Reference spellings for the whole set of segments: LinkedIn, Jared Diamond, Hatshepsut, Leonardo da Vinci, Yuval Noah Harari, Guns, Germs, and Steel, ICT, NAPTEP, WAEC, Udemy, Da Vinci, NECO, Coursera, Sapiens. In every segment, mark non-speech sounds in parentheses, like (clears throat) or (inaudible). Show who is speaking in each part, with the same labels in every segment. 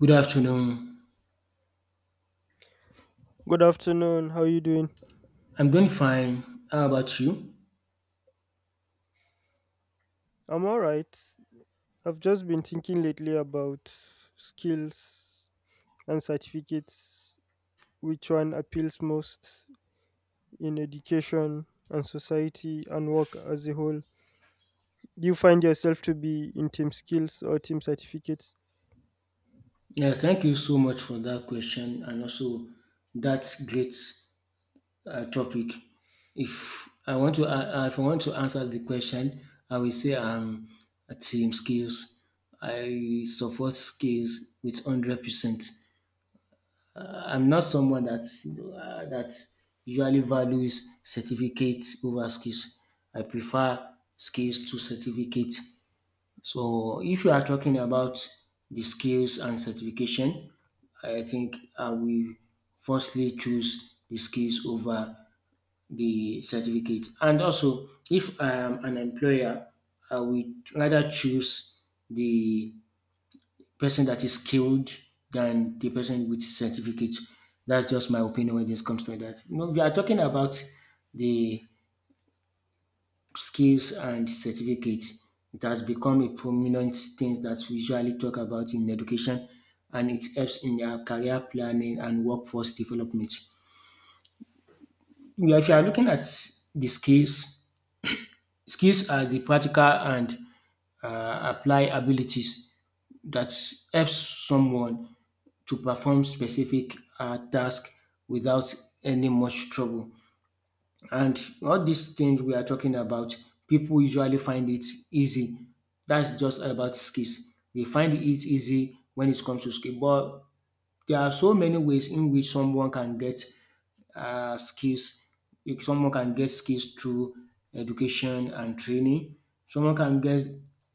Speaker 1: Good afternoon.
Speaker 2: Good afternoon. How are you doing?
Speaker 1: I'm doing fine. How about you?
Speaker 2: I'm all right. I've just been thinking lately about skills and certificates, which one appeals most in education and society and work as a whole. Do you find yourself to be in team skills or team certificates?
Speaker 1: Yeah, thank you so much for that question and also that great topic. If I want to, if I want to answer the question, I will say team skills. I support skills with 100%. I'm not someone that that usually values certificates over skills. I prefer skills to certificate. So if you are talking about the skills and certification, I think I will firstly choose the skills over the certificate. And also, if I am an employer, I will rather choose the person that is skilled than the person with certificate. That's just my opinion when this comes to that. You know, we are talking about the skills and certificates. It has become a prominent thing that we usually talk about in education, and it helps in their career planning and workforce development. Yeah, if you are looking at the skills, skills are the practical and apply abilities that helps someone to perform specific tasks without any much trouble. And all these things we are talking about, people usually find it easy. That's just about skills. They find it easy when it comes to skill. But there are so many ways in which someone can get skills. If someone can get skills through education and training, someone can get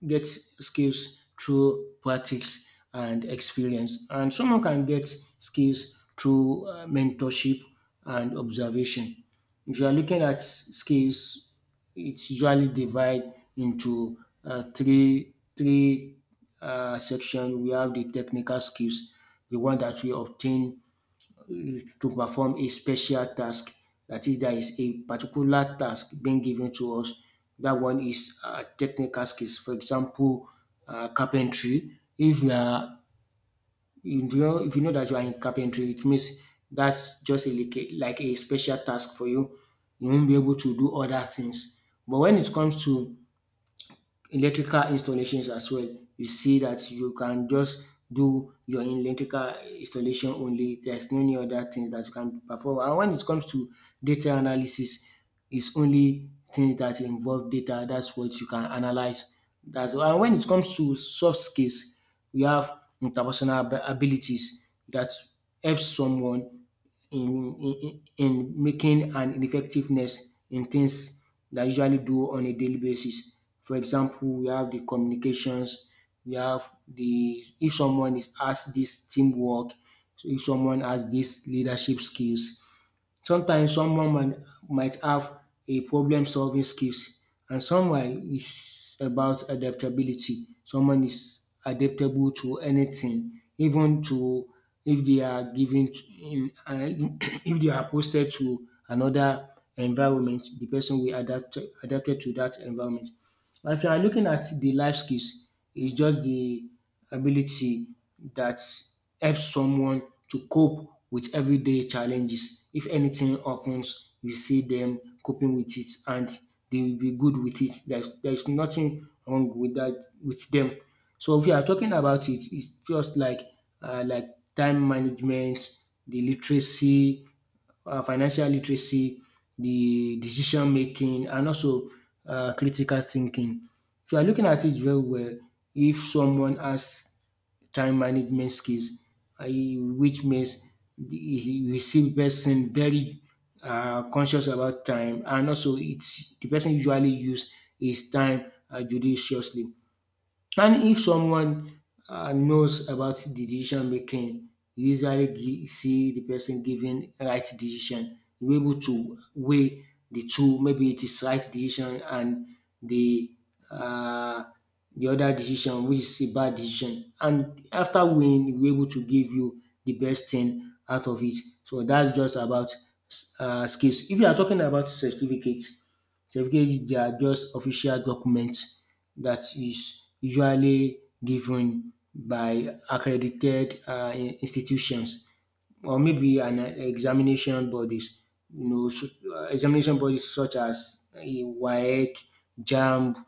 Speaker 1: get skills through practice and experience, and someone can get skills through mentorship and observation. If you are looking at skills, it's usually divided into three three section. We have the technical skills, the one that we obtain is to perform a special task. That is, there is a particular task being given to us. That one is technical skills. For example, carpentry. If you are, you know, if you know that you are in carpentry, it means that's just a, like a special task for you. You won't be able to do other things. But when it comes to electrical installations as well. You see that you can just do your electrical installation only. There's no any other things that you can perform. And when it comes to data analysis, it's only things that involve data. That's what you can analyze. That's. And when it comes to soft skills, we have interpersonal abilities that helps someone in in in making an effectiveness in things that usually do on a daily basis. For example, we have the communications, we have the if someone is has this teamwork, so if someone has these leadership skills. Sometimes someone might have a problem solving skills and someone is about adaptability. Someone is adaptable to anything, even to if they are given to, (coughs) (clears throat) if they are posted to another environment, the person will adapted to that environment. Now, if you are looking at the life skills, it's just the ability that helps someone to cope with everyday challenges. If anything happens, you see them coping with it and they will be good with it. There's nothing wrong with that with them. So if you are talking about it, it's just like time management, the literacy, financial literacy, the decision making, and also critical thinking. If you are looking at it very well, if someone has time management skills, which means you see person very conscious about time, and also it's the person usually use his time judiciously. And if someone knows about decision making, you usually see the person giving right decision. You're able to weigh the two. Maybe it is right decision and the uh, the other decision, which is a bad decision. And after weighing, we're able to give you the best thing out of it. So that's just about skills. If you are talking about certificates, certificates they are just official documents that is usually given by accredited institutions or maybe an examination bodies, you know, so, examination bodies such as WAEC, JAMB,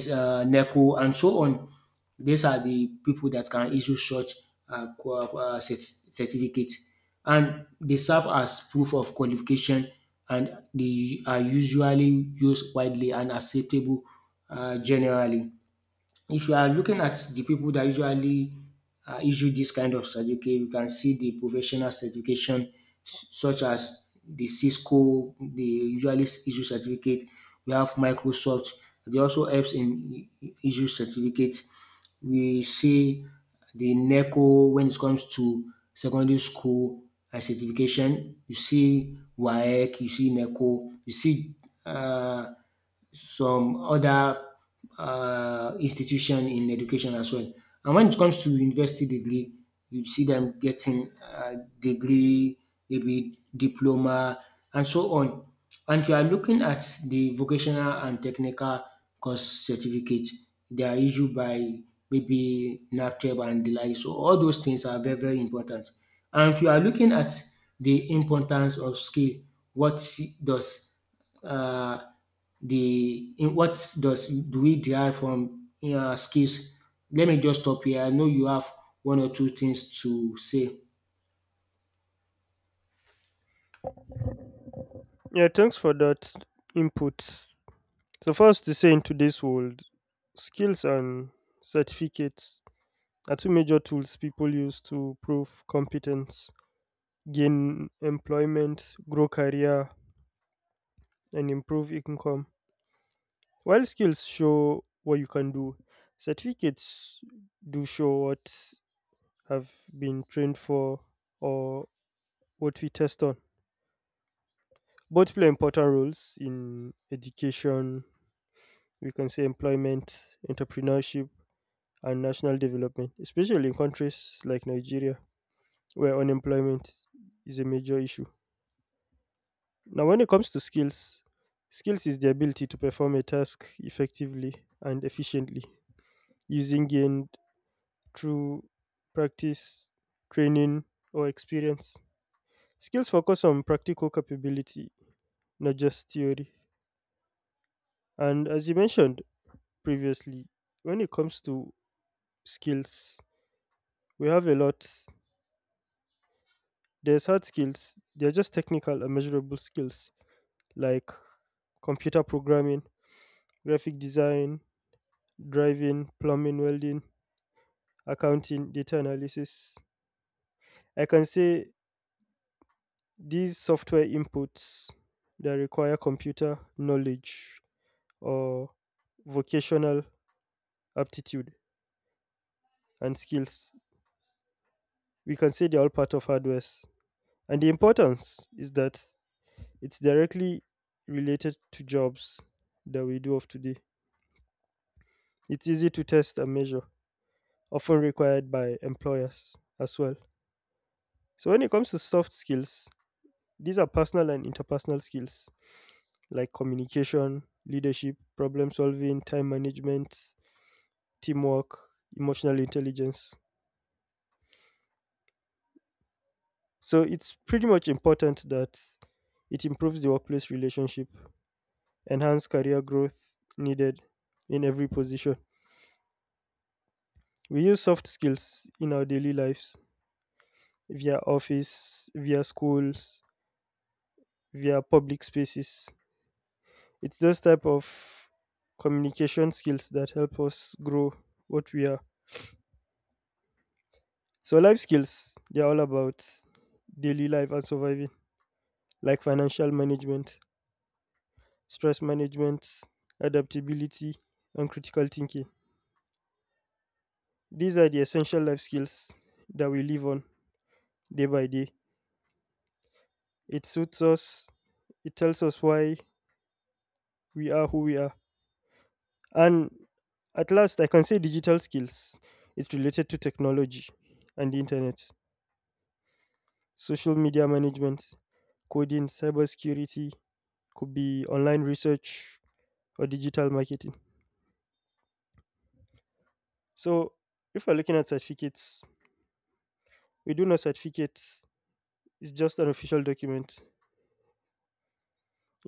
Speaker 1: NECO, and so on. These are the people that can issue such certificates, and they serve as proof of qualification, and they are usually used widely and acceptable generally. If you are looking at the people that usually issue this kind of certificate, you can see the professional certification such as the Cisco, they usually issue certificate. We have Microsoft, they also helps in issue certificates. We see the NECO when it comes to secondary school and certification. You see WAEC, you see NECO, you see uh, some other institution in education as well. And when it comes to university degree, you see them getting degree, maybe diploma, and so on. And if you are looking at the vocational and technical course certificate, they are issued by maybe NAPTEP and the like. So all those things are very, very important. And if you are looking at the importance of skill, what does uh, the in what does do we derive from skills? Let me just stop here. I know you have one or two things to say.
Speaker 2: Yeah, thanks for that input. So, first to say, in today's world, skills and certificates are two major tools people use to prove competence, gain employment, grow career, and improve income. While skills show what you can do, certificates do show what have been trained for, or what we test on. Both play important roles in education, we can say employment, entrepreneurship, and national development, especially in countries like Nigeria, where unemployment is a major issue. Now, when it comes to skills, skills is the ability to perform a task effectively and efficiently using gained through practice, training, or experience. Skills focus on practical capability, not just theory. And as you mentioned previously, when it comes to skills, we have a lot. There's hard skills, they're just technical and measurable skills like computer programming, graphic design, driving, plumbing, welding, accounting, data analysis. I can say these software inputs that require computer knowledge or vocational aptitude and skills, we can say they're all part of hardware. And the importance is that it's directly related to jobs that we do of today. It's easy to test and measure, often required by employers as well. So when it comes to soft skills, these are personal and interpersonal skills like communication, leadership, problem solving, time management, teamwork, emotional intelligence. So it's pretty much important that it improves the workplace relationship, enhance career growth, needed in every position. We use soft skills in our daily lives, via office, via schools, via public spaces. It's those type of communication skills that help us grow what we are. So life skills, they're all about daily life and surviving, like financial management, stress management, adaptability, and critical thinking. These are the essential life skills that we live on day by day. It suits us, it tells us why we are who we are. And at last, I can say digital skills. It's related to technology and the internet, social media management, coding, cybersecurity, could be online research or digital marketing. So if we're looking at certificates, we do know certificate is just an official document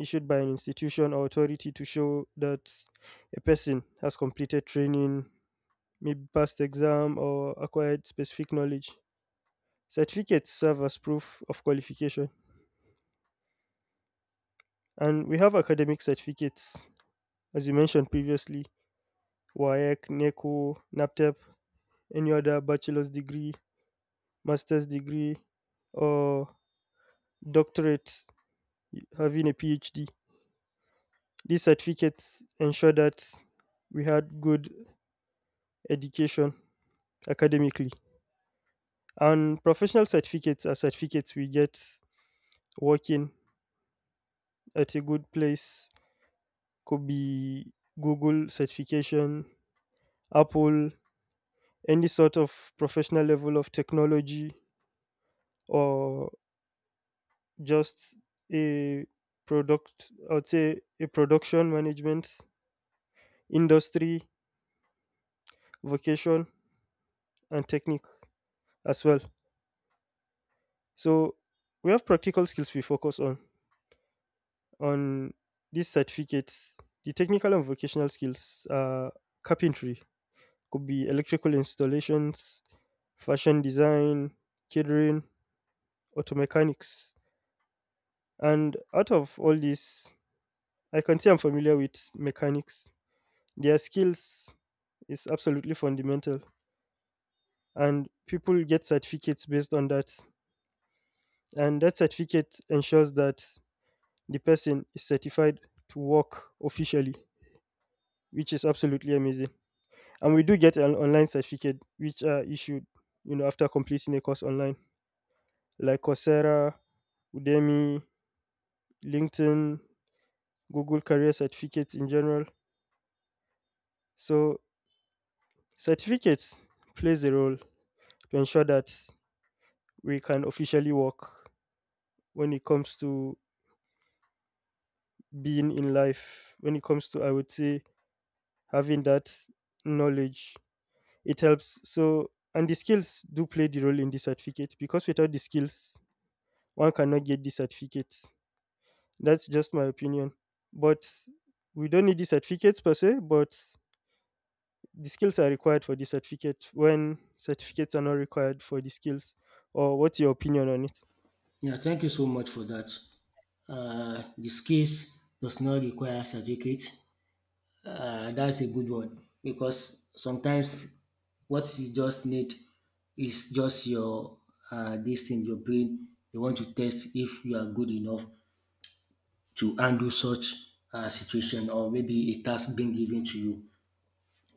Speaker 2: issued by an institution or authority to show that a person has completed training, maybe passed exam or acquired specific knowledge. Certificates serve as proof of qualification. And we have academic certificates, as you mentioned previously, WAEC, NECO, NAPTEP, any other bachelor's degree, master's degree, or doctorate, having a PhD. These certificates ensure that we had good education academically. And professional certificates are certificates we get working at a good place. Could be Google certification, Apple, any sort of professional level of technology, or just a product, I would say a production management, industry, vocation, and technique as well. So we have practical skills we focus on these certificates, the technical and vocational skills are carpentry, could be electrical installations, fashion design, catering, auto mechanics. And out of all these, I can say I'm familiar with mechanics. Their skills is absolutely fundamental, and people get certificates based on that. And that certificate ensures that the person is certified to work officially, which is absolutely amazing. And we do get an online certificate which are issued, you know, after completing a course online, like Coursera, Udemy, LinkedIn, Google career certificates in general. So certificates plays a role to ensure that we can officially work. When it comes to being in life, when it comes to, I would say, having that knowledge, it helps. So, and the skills do play the role in the certificate, because without the skills, one cannot get the certificate. That's just my opinion. But we don't need the certificates per se, but the skills are required for the certificate, when certificates are not required for the skills. Or what's your opinion on it?
Speaker 1: Yeah, thank you so much for that. The skills does not require certificate. That's a good one because sometimes what you just need is just your this thing, your brain. They want to test if you are good enough to handle such situation or maybe a task being given to you.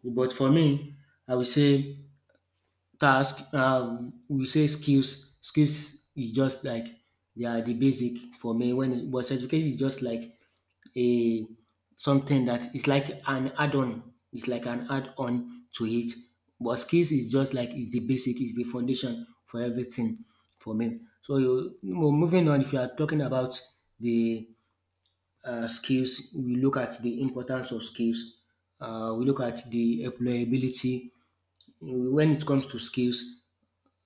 Speaker 1: But for me, I will say task. We say skills. Skills is just like they are the basic for me. When it was education is just like a something that is like an add-on. It's like an add-on to it. But skills is just like it's the basic. It's the foundation for everything for me. So you, moving on, if you are talking about the skills, we look at the importance of skills. We look at the employability when it comes to skills,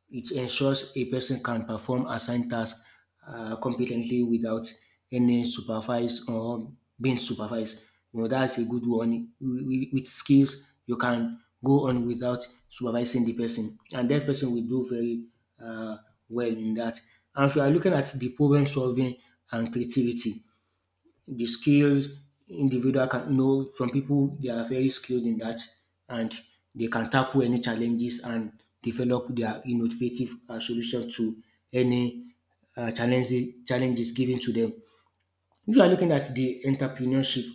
Speaker 1: it ensures a person can perform assigned tasks competently without any supervised or being supervised. You know, that's a good one. With skills, you can go on without supervising the person, and that person will do very uh, well in that. And if you are looking at the problem solving and creativity, the skilled individual can know from people they are very skilled in that and they can tackle any challenges and develop their innovative solutions to any challenges given to them. If you are looking at the entrepreneurship,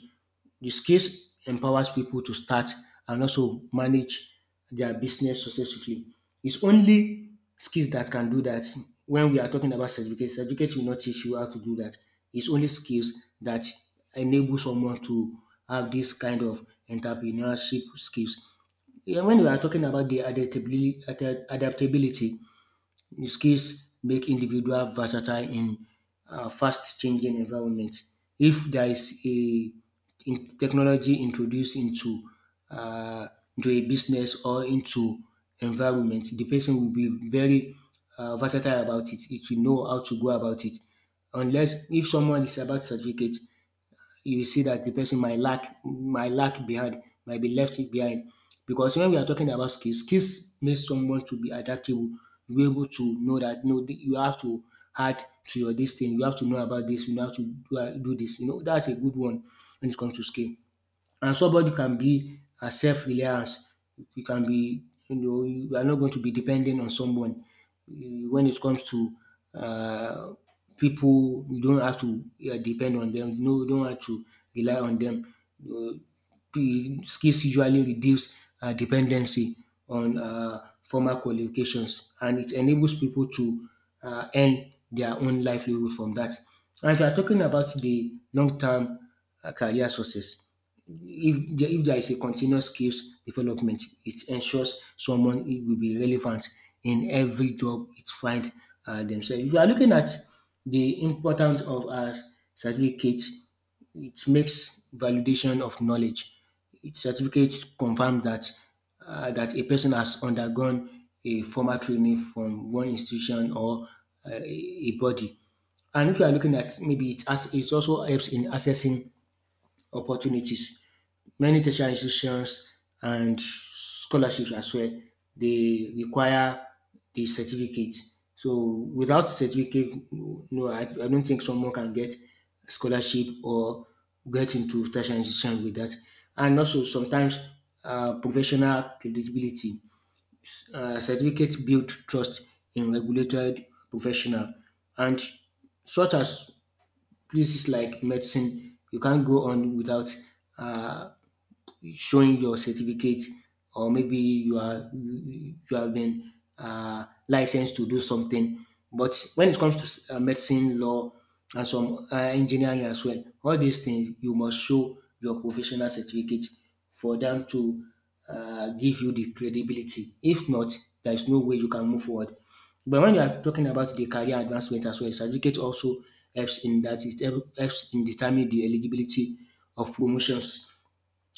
Speaker 1: the skills empowers people to start and also manage their business successfully. It's only skills that can do that. When we are talking about certificate, certificate will not teach you how to do that. It's only skills that enable someone to have this kind of entrepreneurship skills. Yeah, when we are talking about the adaptability, his skills make individual versatile in fast changing environment. If there is a in technology introduced uh, into a business or into environment, the person will be very versatile about it. It will know how to go about it. Unless if someone is about certificate, you see that the person might lack behind, might be left behind. Because when we are talking about skills, skills make someone to be adaptable. You be able to know that no, you have to add to your this thing, you have to know about this, you have to do, do this. You know, that's a good one when it comes to skill and somebody can be a self reliance. You can be, you know, you are not going to be dependent on someone when it comes to uh, people. You don't have to depend on them. No, you don't have to rely on them. Uh, the skills usually reduce dependency on formal qualifications and it enables people to earn their own livelihood from that. And if you are talking about the long term career success, if there is a continuous skills development, it ensures someone it will be relevant in every job it find themselves. If you are looking at the importance of a certificate, it makes validation of knowledge. It certificates confirm that a person has undergone a formal training from one institution or a body. And if you are looking at maybe it as it also helps in accessing opportunities. Many tertiary institutions and scholarships as well, they require the certificate. So without certificate, no, I don't think someone can get scholarship or get into tertiary institution with that. And also sometimes professional credibility. Certificate build trust in regulated professional and such as places like medicine you can't go on without. Uh, showing your certificate or maybe you are you you have been licensed to do something. But when it comes to medicine, law, and some engineering as well, all these things you must show your professional certificate for them to give you the credibility. If not, there is no way you can move forward. But when you are talking about the career advancement as well, certificate also helps in that. It helps in determining the eligibility of promotions,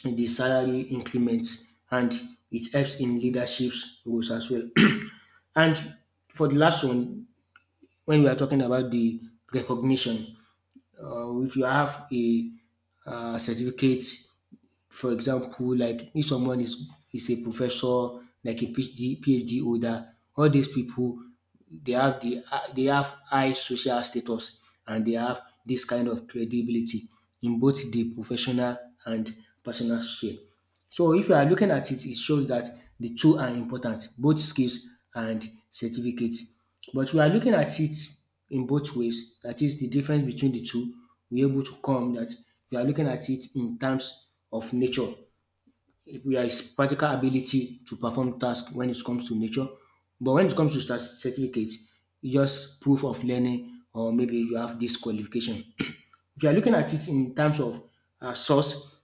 Speaker 1: the salary increments, and it helps in leadership roles as well. (clears throat) And for the last one, when we are talking about the recognition, if you have a certificate, for example, like if someone is a professor, like a PhD, PhD holder, all these people they have high social status and they have this kind of credibility in both the professional and personal sphere. So if you are looking at it, it shows that the two are important, both skills and certificates. But we are looking at it in both ways. That is the difference between the two. We're able to come that we are looking at it in terms of nature. We are practical ability to perform tasks when it comes to nature. But when it comes to certificate, it's just proof of learning or maybe you have this qualification. If you are looking at it in terms of source,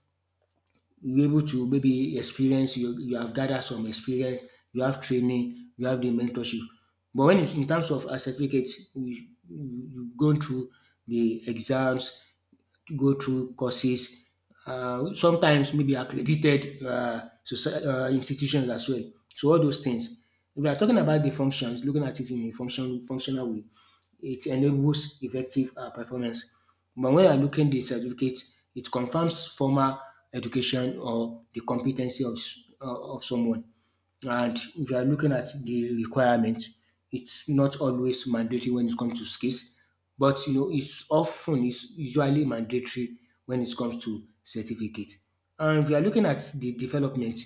Speaker 1: you're able to maybe experience you have gathered some experience, you have training, you have the mentorship. But when it, in terms of a certificate, you, you've gone through the exams, go through courses, sometimes maybe accredited institutions as well. So all those things. If we are talking about the functions, looking at it in a functional way, it enables effective performance. But when you are looking the certificate, it confirms formal education or the competency of someone. And if you are looking at the requirement, it's not always mandatory when it comes to skills, but you know, it's usually mandatory when it comes to certificate. And if you are looking at the development,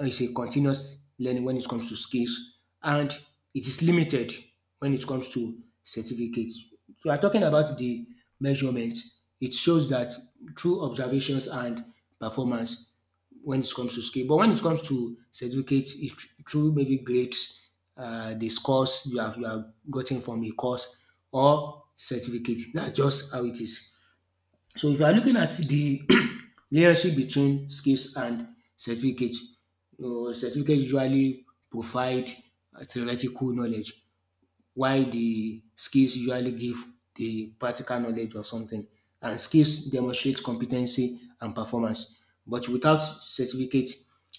Speaker 1: it's a continuous learning when it comes to skills, and it is limited when it comes to certificates. So, we are talking about the measurement. It shows that through observations and performance, when it comes to skill. But when it comes to certificate, it's through maybe grades, the scores you have gotten from a course or certificate. That's just how it is. So if you are looking at the (clears throat) relationship between skills and certificate, you know, certificate usually provide theoretical knowledge while the skills usually give the practical knowledge of something. And skills demonstrate competency and performance. But without certificate,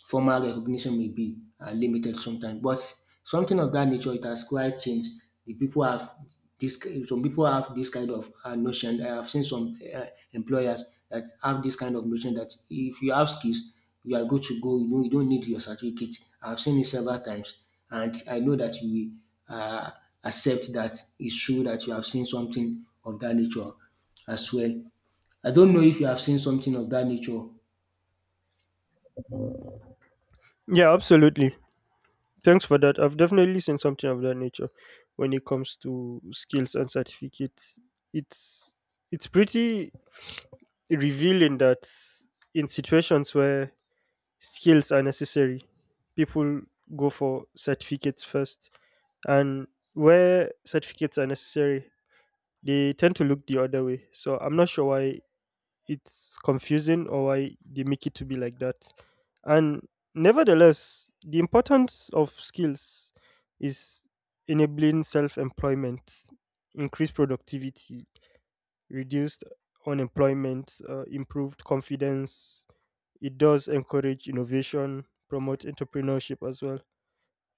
Speaker 1: formal recognition may be limited sometimes. But something of that nature, it has quite changed. The people have this. Some people have this kind of notion. I have seen some employers that have this kind of notion that if you have skills, you are good to go. You know, you don't need your certificate. I've seen it several times, and I know that you uh, accept that it's true that you have seen something of that nature as well. I don't know if you have seen something of that nature.
Speaker 2: Yeah, absolutely. Thanks for that. I've definitely seen something of that nature when it comes to skills and certificates. It's it's pretty revealing that in situations where skills are necessary, people go for certificates first. And where certificates are necessary, they tend to look the other way. So I'm not sure why it's confusing or why they make it to be like that. And nevertheless, the importance of skills is enabling self employment, increased productivity, reduced unemployment, improved confidence. It does encourage innovation, promote entrepreneurship as well.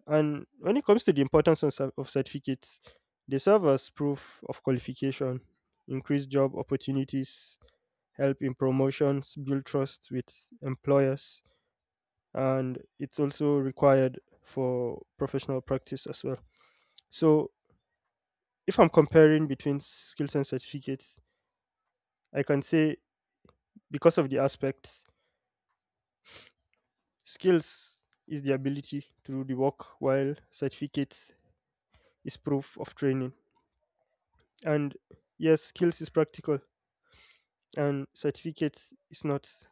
Speaker 2: And when it comes to the importance of, of certificates, they serve as proof of qualification, increase job opportunities, help in promotions, build trust with employers, and it's also required for professional practice as well. So, if I'm comparing between skills and certificates, I can say because of the aspects, skills is the ability to do the work, while certificates is proof of training. And yes, skills is practical and certificates is not.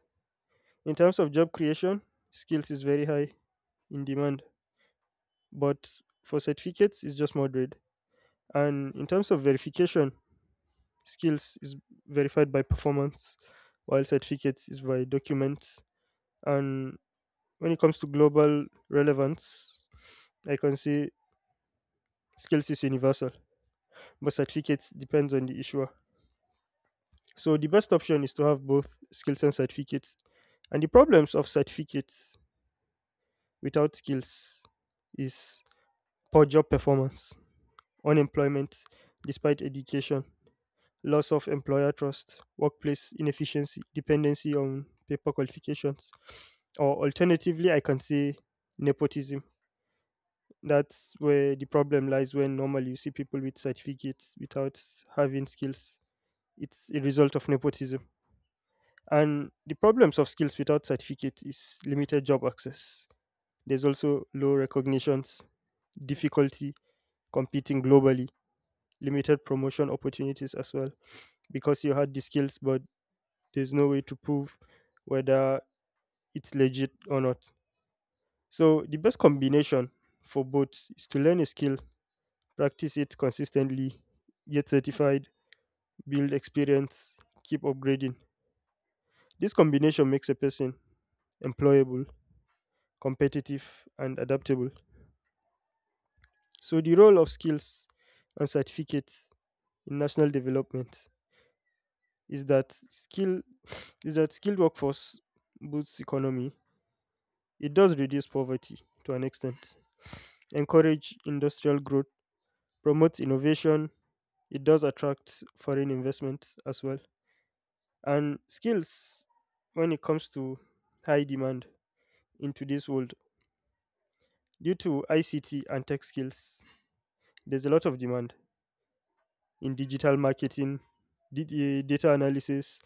Speaker 2: In terms of job creation, skills is very high in demand, but for certificates it's just moderate. And in terms of verification, skills is verified by performance, while certificates is by documents. And when it comes to global relevance, I can say skills is universal, but certificates depends on the issuer. So the best option is to have both skills and certificates. And the problems of certificates without skills is poor job performance, unemployment despite education, loss of employer trust, workplace inefficiency, dependency on paper qualifications. Or alternatively, I can say nepotism. That's where the problem lies when normally you see people with certificates without having skills. It's a result of nepotism. And the problems of skills without certificate is limited job access. There's also low recognitions, difficulty competing globally, limited promotion opportunities as well, because you had the skills, but there's no way to prove whether it's legit or not. So, the best combination for both is to learn a skill, practice it consistently, get certified, build experience, keep upgrading. This combination makes a person employable, competitive, and adaptable. So the role of skills and certificates in national development is that skill is that skilled workforce boosts economy. It does reduce poverty to an extent, encourage industrial growth, promotes innovation, it does attract foreign investment as well. And skills, when it comes to high demand in today's world due to ICT and tech skills, there's a lot of demand in digital marketing, data analysis,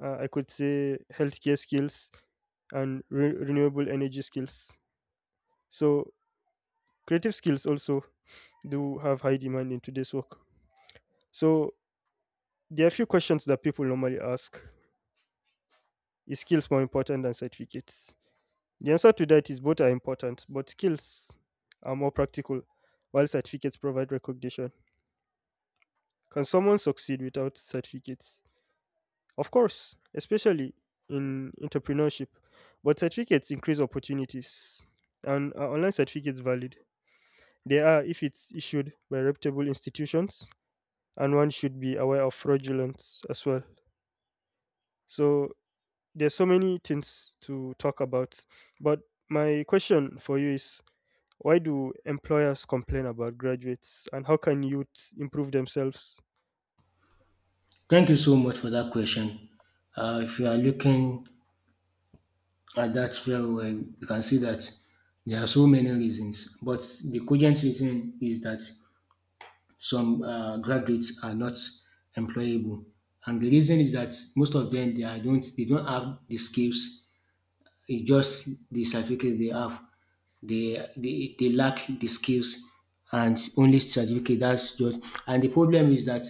Speaker 2: I could say healthcare skills and renewable energy skills. So creative skills also do have high demand in today's work. So there are a few questions that people normally ask. Is skills more important than certificates? The answer to that is both are important, but skills are more practical, while certificates provide recognition. Can someone succeed without certificates? Of course, especially in entrepreneurship. But certificates increase opportunities. And are online certificates valid? They are if it's issued by reputable institutions, and one should be aware of fraudulence as well. So there's so many things to talk about. But my question for you is, why do employers complain about graduates and how can youth improve themselves?
Speaker 1: Thank you so much for that question. If you are looking at that very well, you can see that there are so many reasons, but the cogent reason is that some graduates are not employable. And the reason is that most of them they don't have the skills. It's just the certificate they have. They lack the skills and only certificate. That's just, and the problem is that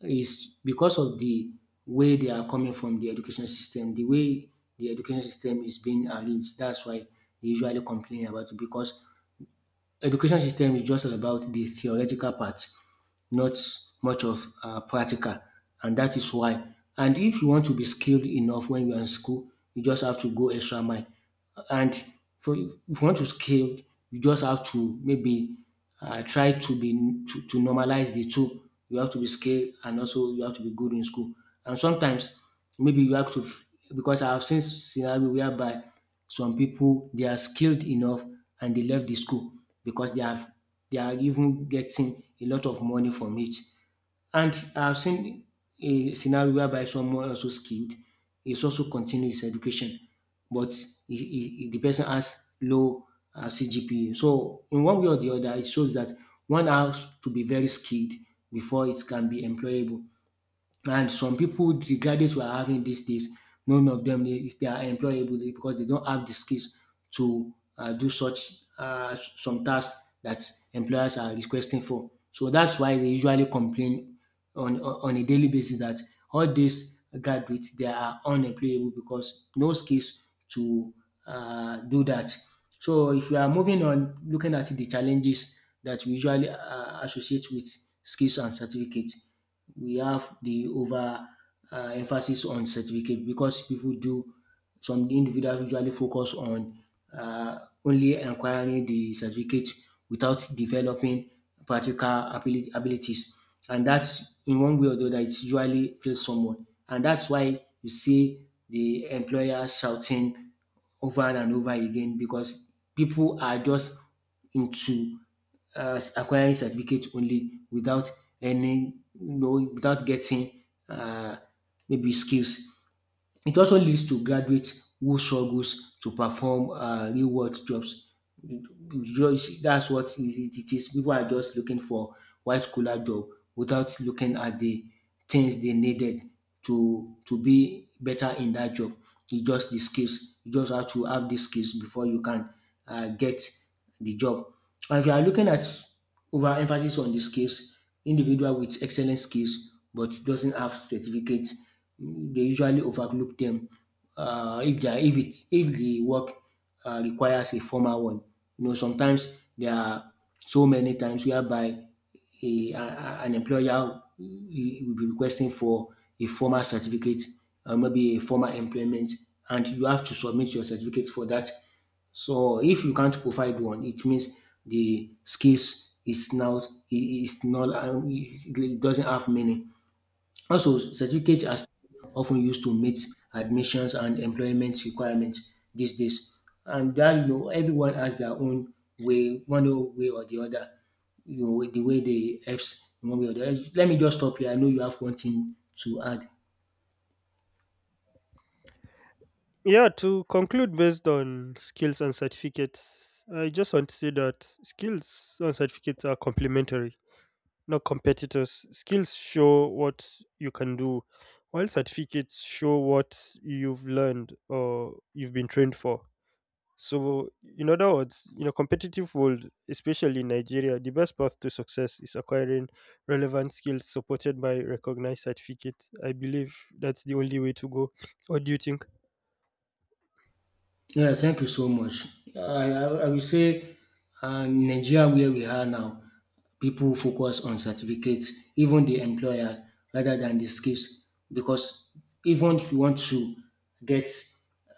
Speaker 1: is because of the way they are coming from the education system, the way the education system is being arranged. That's why they usually complain about it because education system is just all about the theoretical part, not much of practical, and that is why. And if you want to be skilled enough when you are in school, you just have to go extra mile. And for if you want to scale, you just have to maybe try to be to normalize the two. You have to be skilled and also you have to be good in school. And sometimes maybe you have to because I have seen scenario whereby some people they are skilled enough and they left the school because they have they are even getting a lot of money from it. And I've seen a scenario whereby someone also skilled is also continuing his education, but the person has low CGPA. So in one way or the other, it shows that one has to be very skilled before it can be employable. And some people, the graduates we are having these days, none of them they are employable because they don't have the skills to do such some tasks that employers are requesting for. So that's why they usually complain on on on a daily basis that all these graduates they are unemployable because no skills to do that. So if we are moving on, looking at the challenges that we usually associate with skills and certificates, we have the over emphasis on certificate because people do some individuals usually focus on uh, only acquiring the certificate without developing practical abilities, and that's in one way or the other it usually fails someone, and that's why you see the employer shouting over and over again because people are just into acquiring certificate only without any, you know, without getting uh, maybe skills. It also leads to graduates who struggles to perform real world jobs. Just that's what it is. People are just looking for white collar job without looking at the things they needed to be better in that job. It's just the skills. You just have to have the skills before you can get the job. And if you are looking at overemphasis on the skills, individual with excellent skills but doesn't have certificate, they usually overlook them if they are- if it if the work requires a formal one. You know, sometimes there are so many times whereby an employer will be requesting for a formal certificate or maybe a formal employment, and you have to submit your certificate for that. So if you can't provide one, it means the skills is now is not it doesn't have meaning. Also, certificates are still often used to meet admissions and employment requirements these days. And that, you know, everyone has their own way, one way or the other. You know, the way they helps in one way or the other. Let me just stop here. I know you have one thing to add.
Speaker 2: Yeah, to conclude based on skills and certificates, I just want to say that skills and certificates are complementary, not competitors. Skills show what you can do, while certificates show what you've learned or you've been trained for. So, in other words, in a competitive world, especially in Nigeria, the best path to success is acquiring relevant skills supported by recognized certificates. I believe that's the only way to go. What do you think?
Speaker 1: Yeah, thank you so much. I will say Nigeria, where we are now, people focus on certificates, even the employer, rather than the skills. Because even if you want to get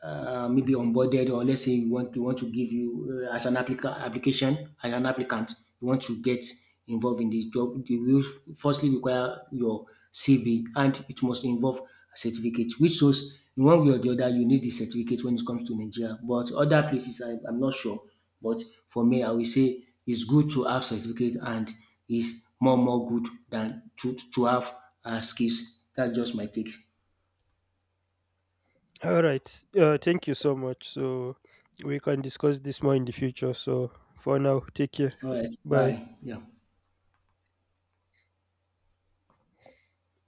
Speaker 1: maybe onboarded, or let's say you want to give you, as an application, as an applicant, you want to get involved in the job. They will firstly require your CV and it must involve a certificate, which shows in one way or the other you need the certificate when it comes to Nigeria. But other places, I'm not sure. But for me, I will say it's good to have certificate and it's more good than to have skills. That's just my take.
Speaker 2: All right. Thank you so much. So we can discuss this more in the future. So for now, take care.
Speaker 1: All right,
Speaker 2: Bye.
Speaker 1: bye. Yeah.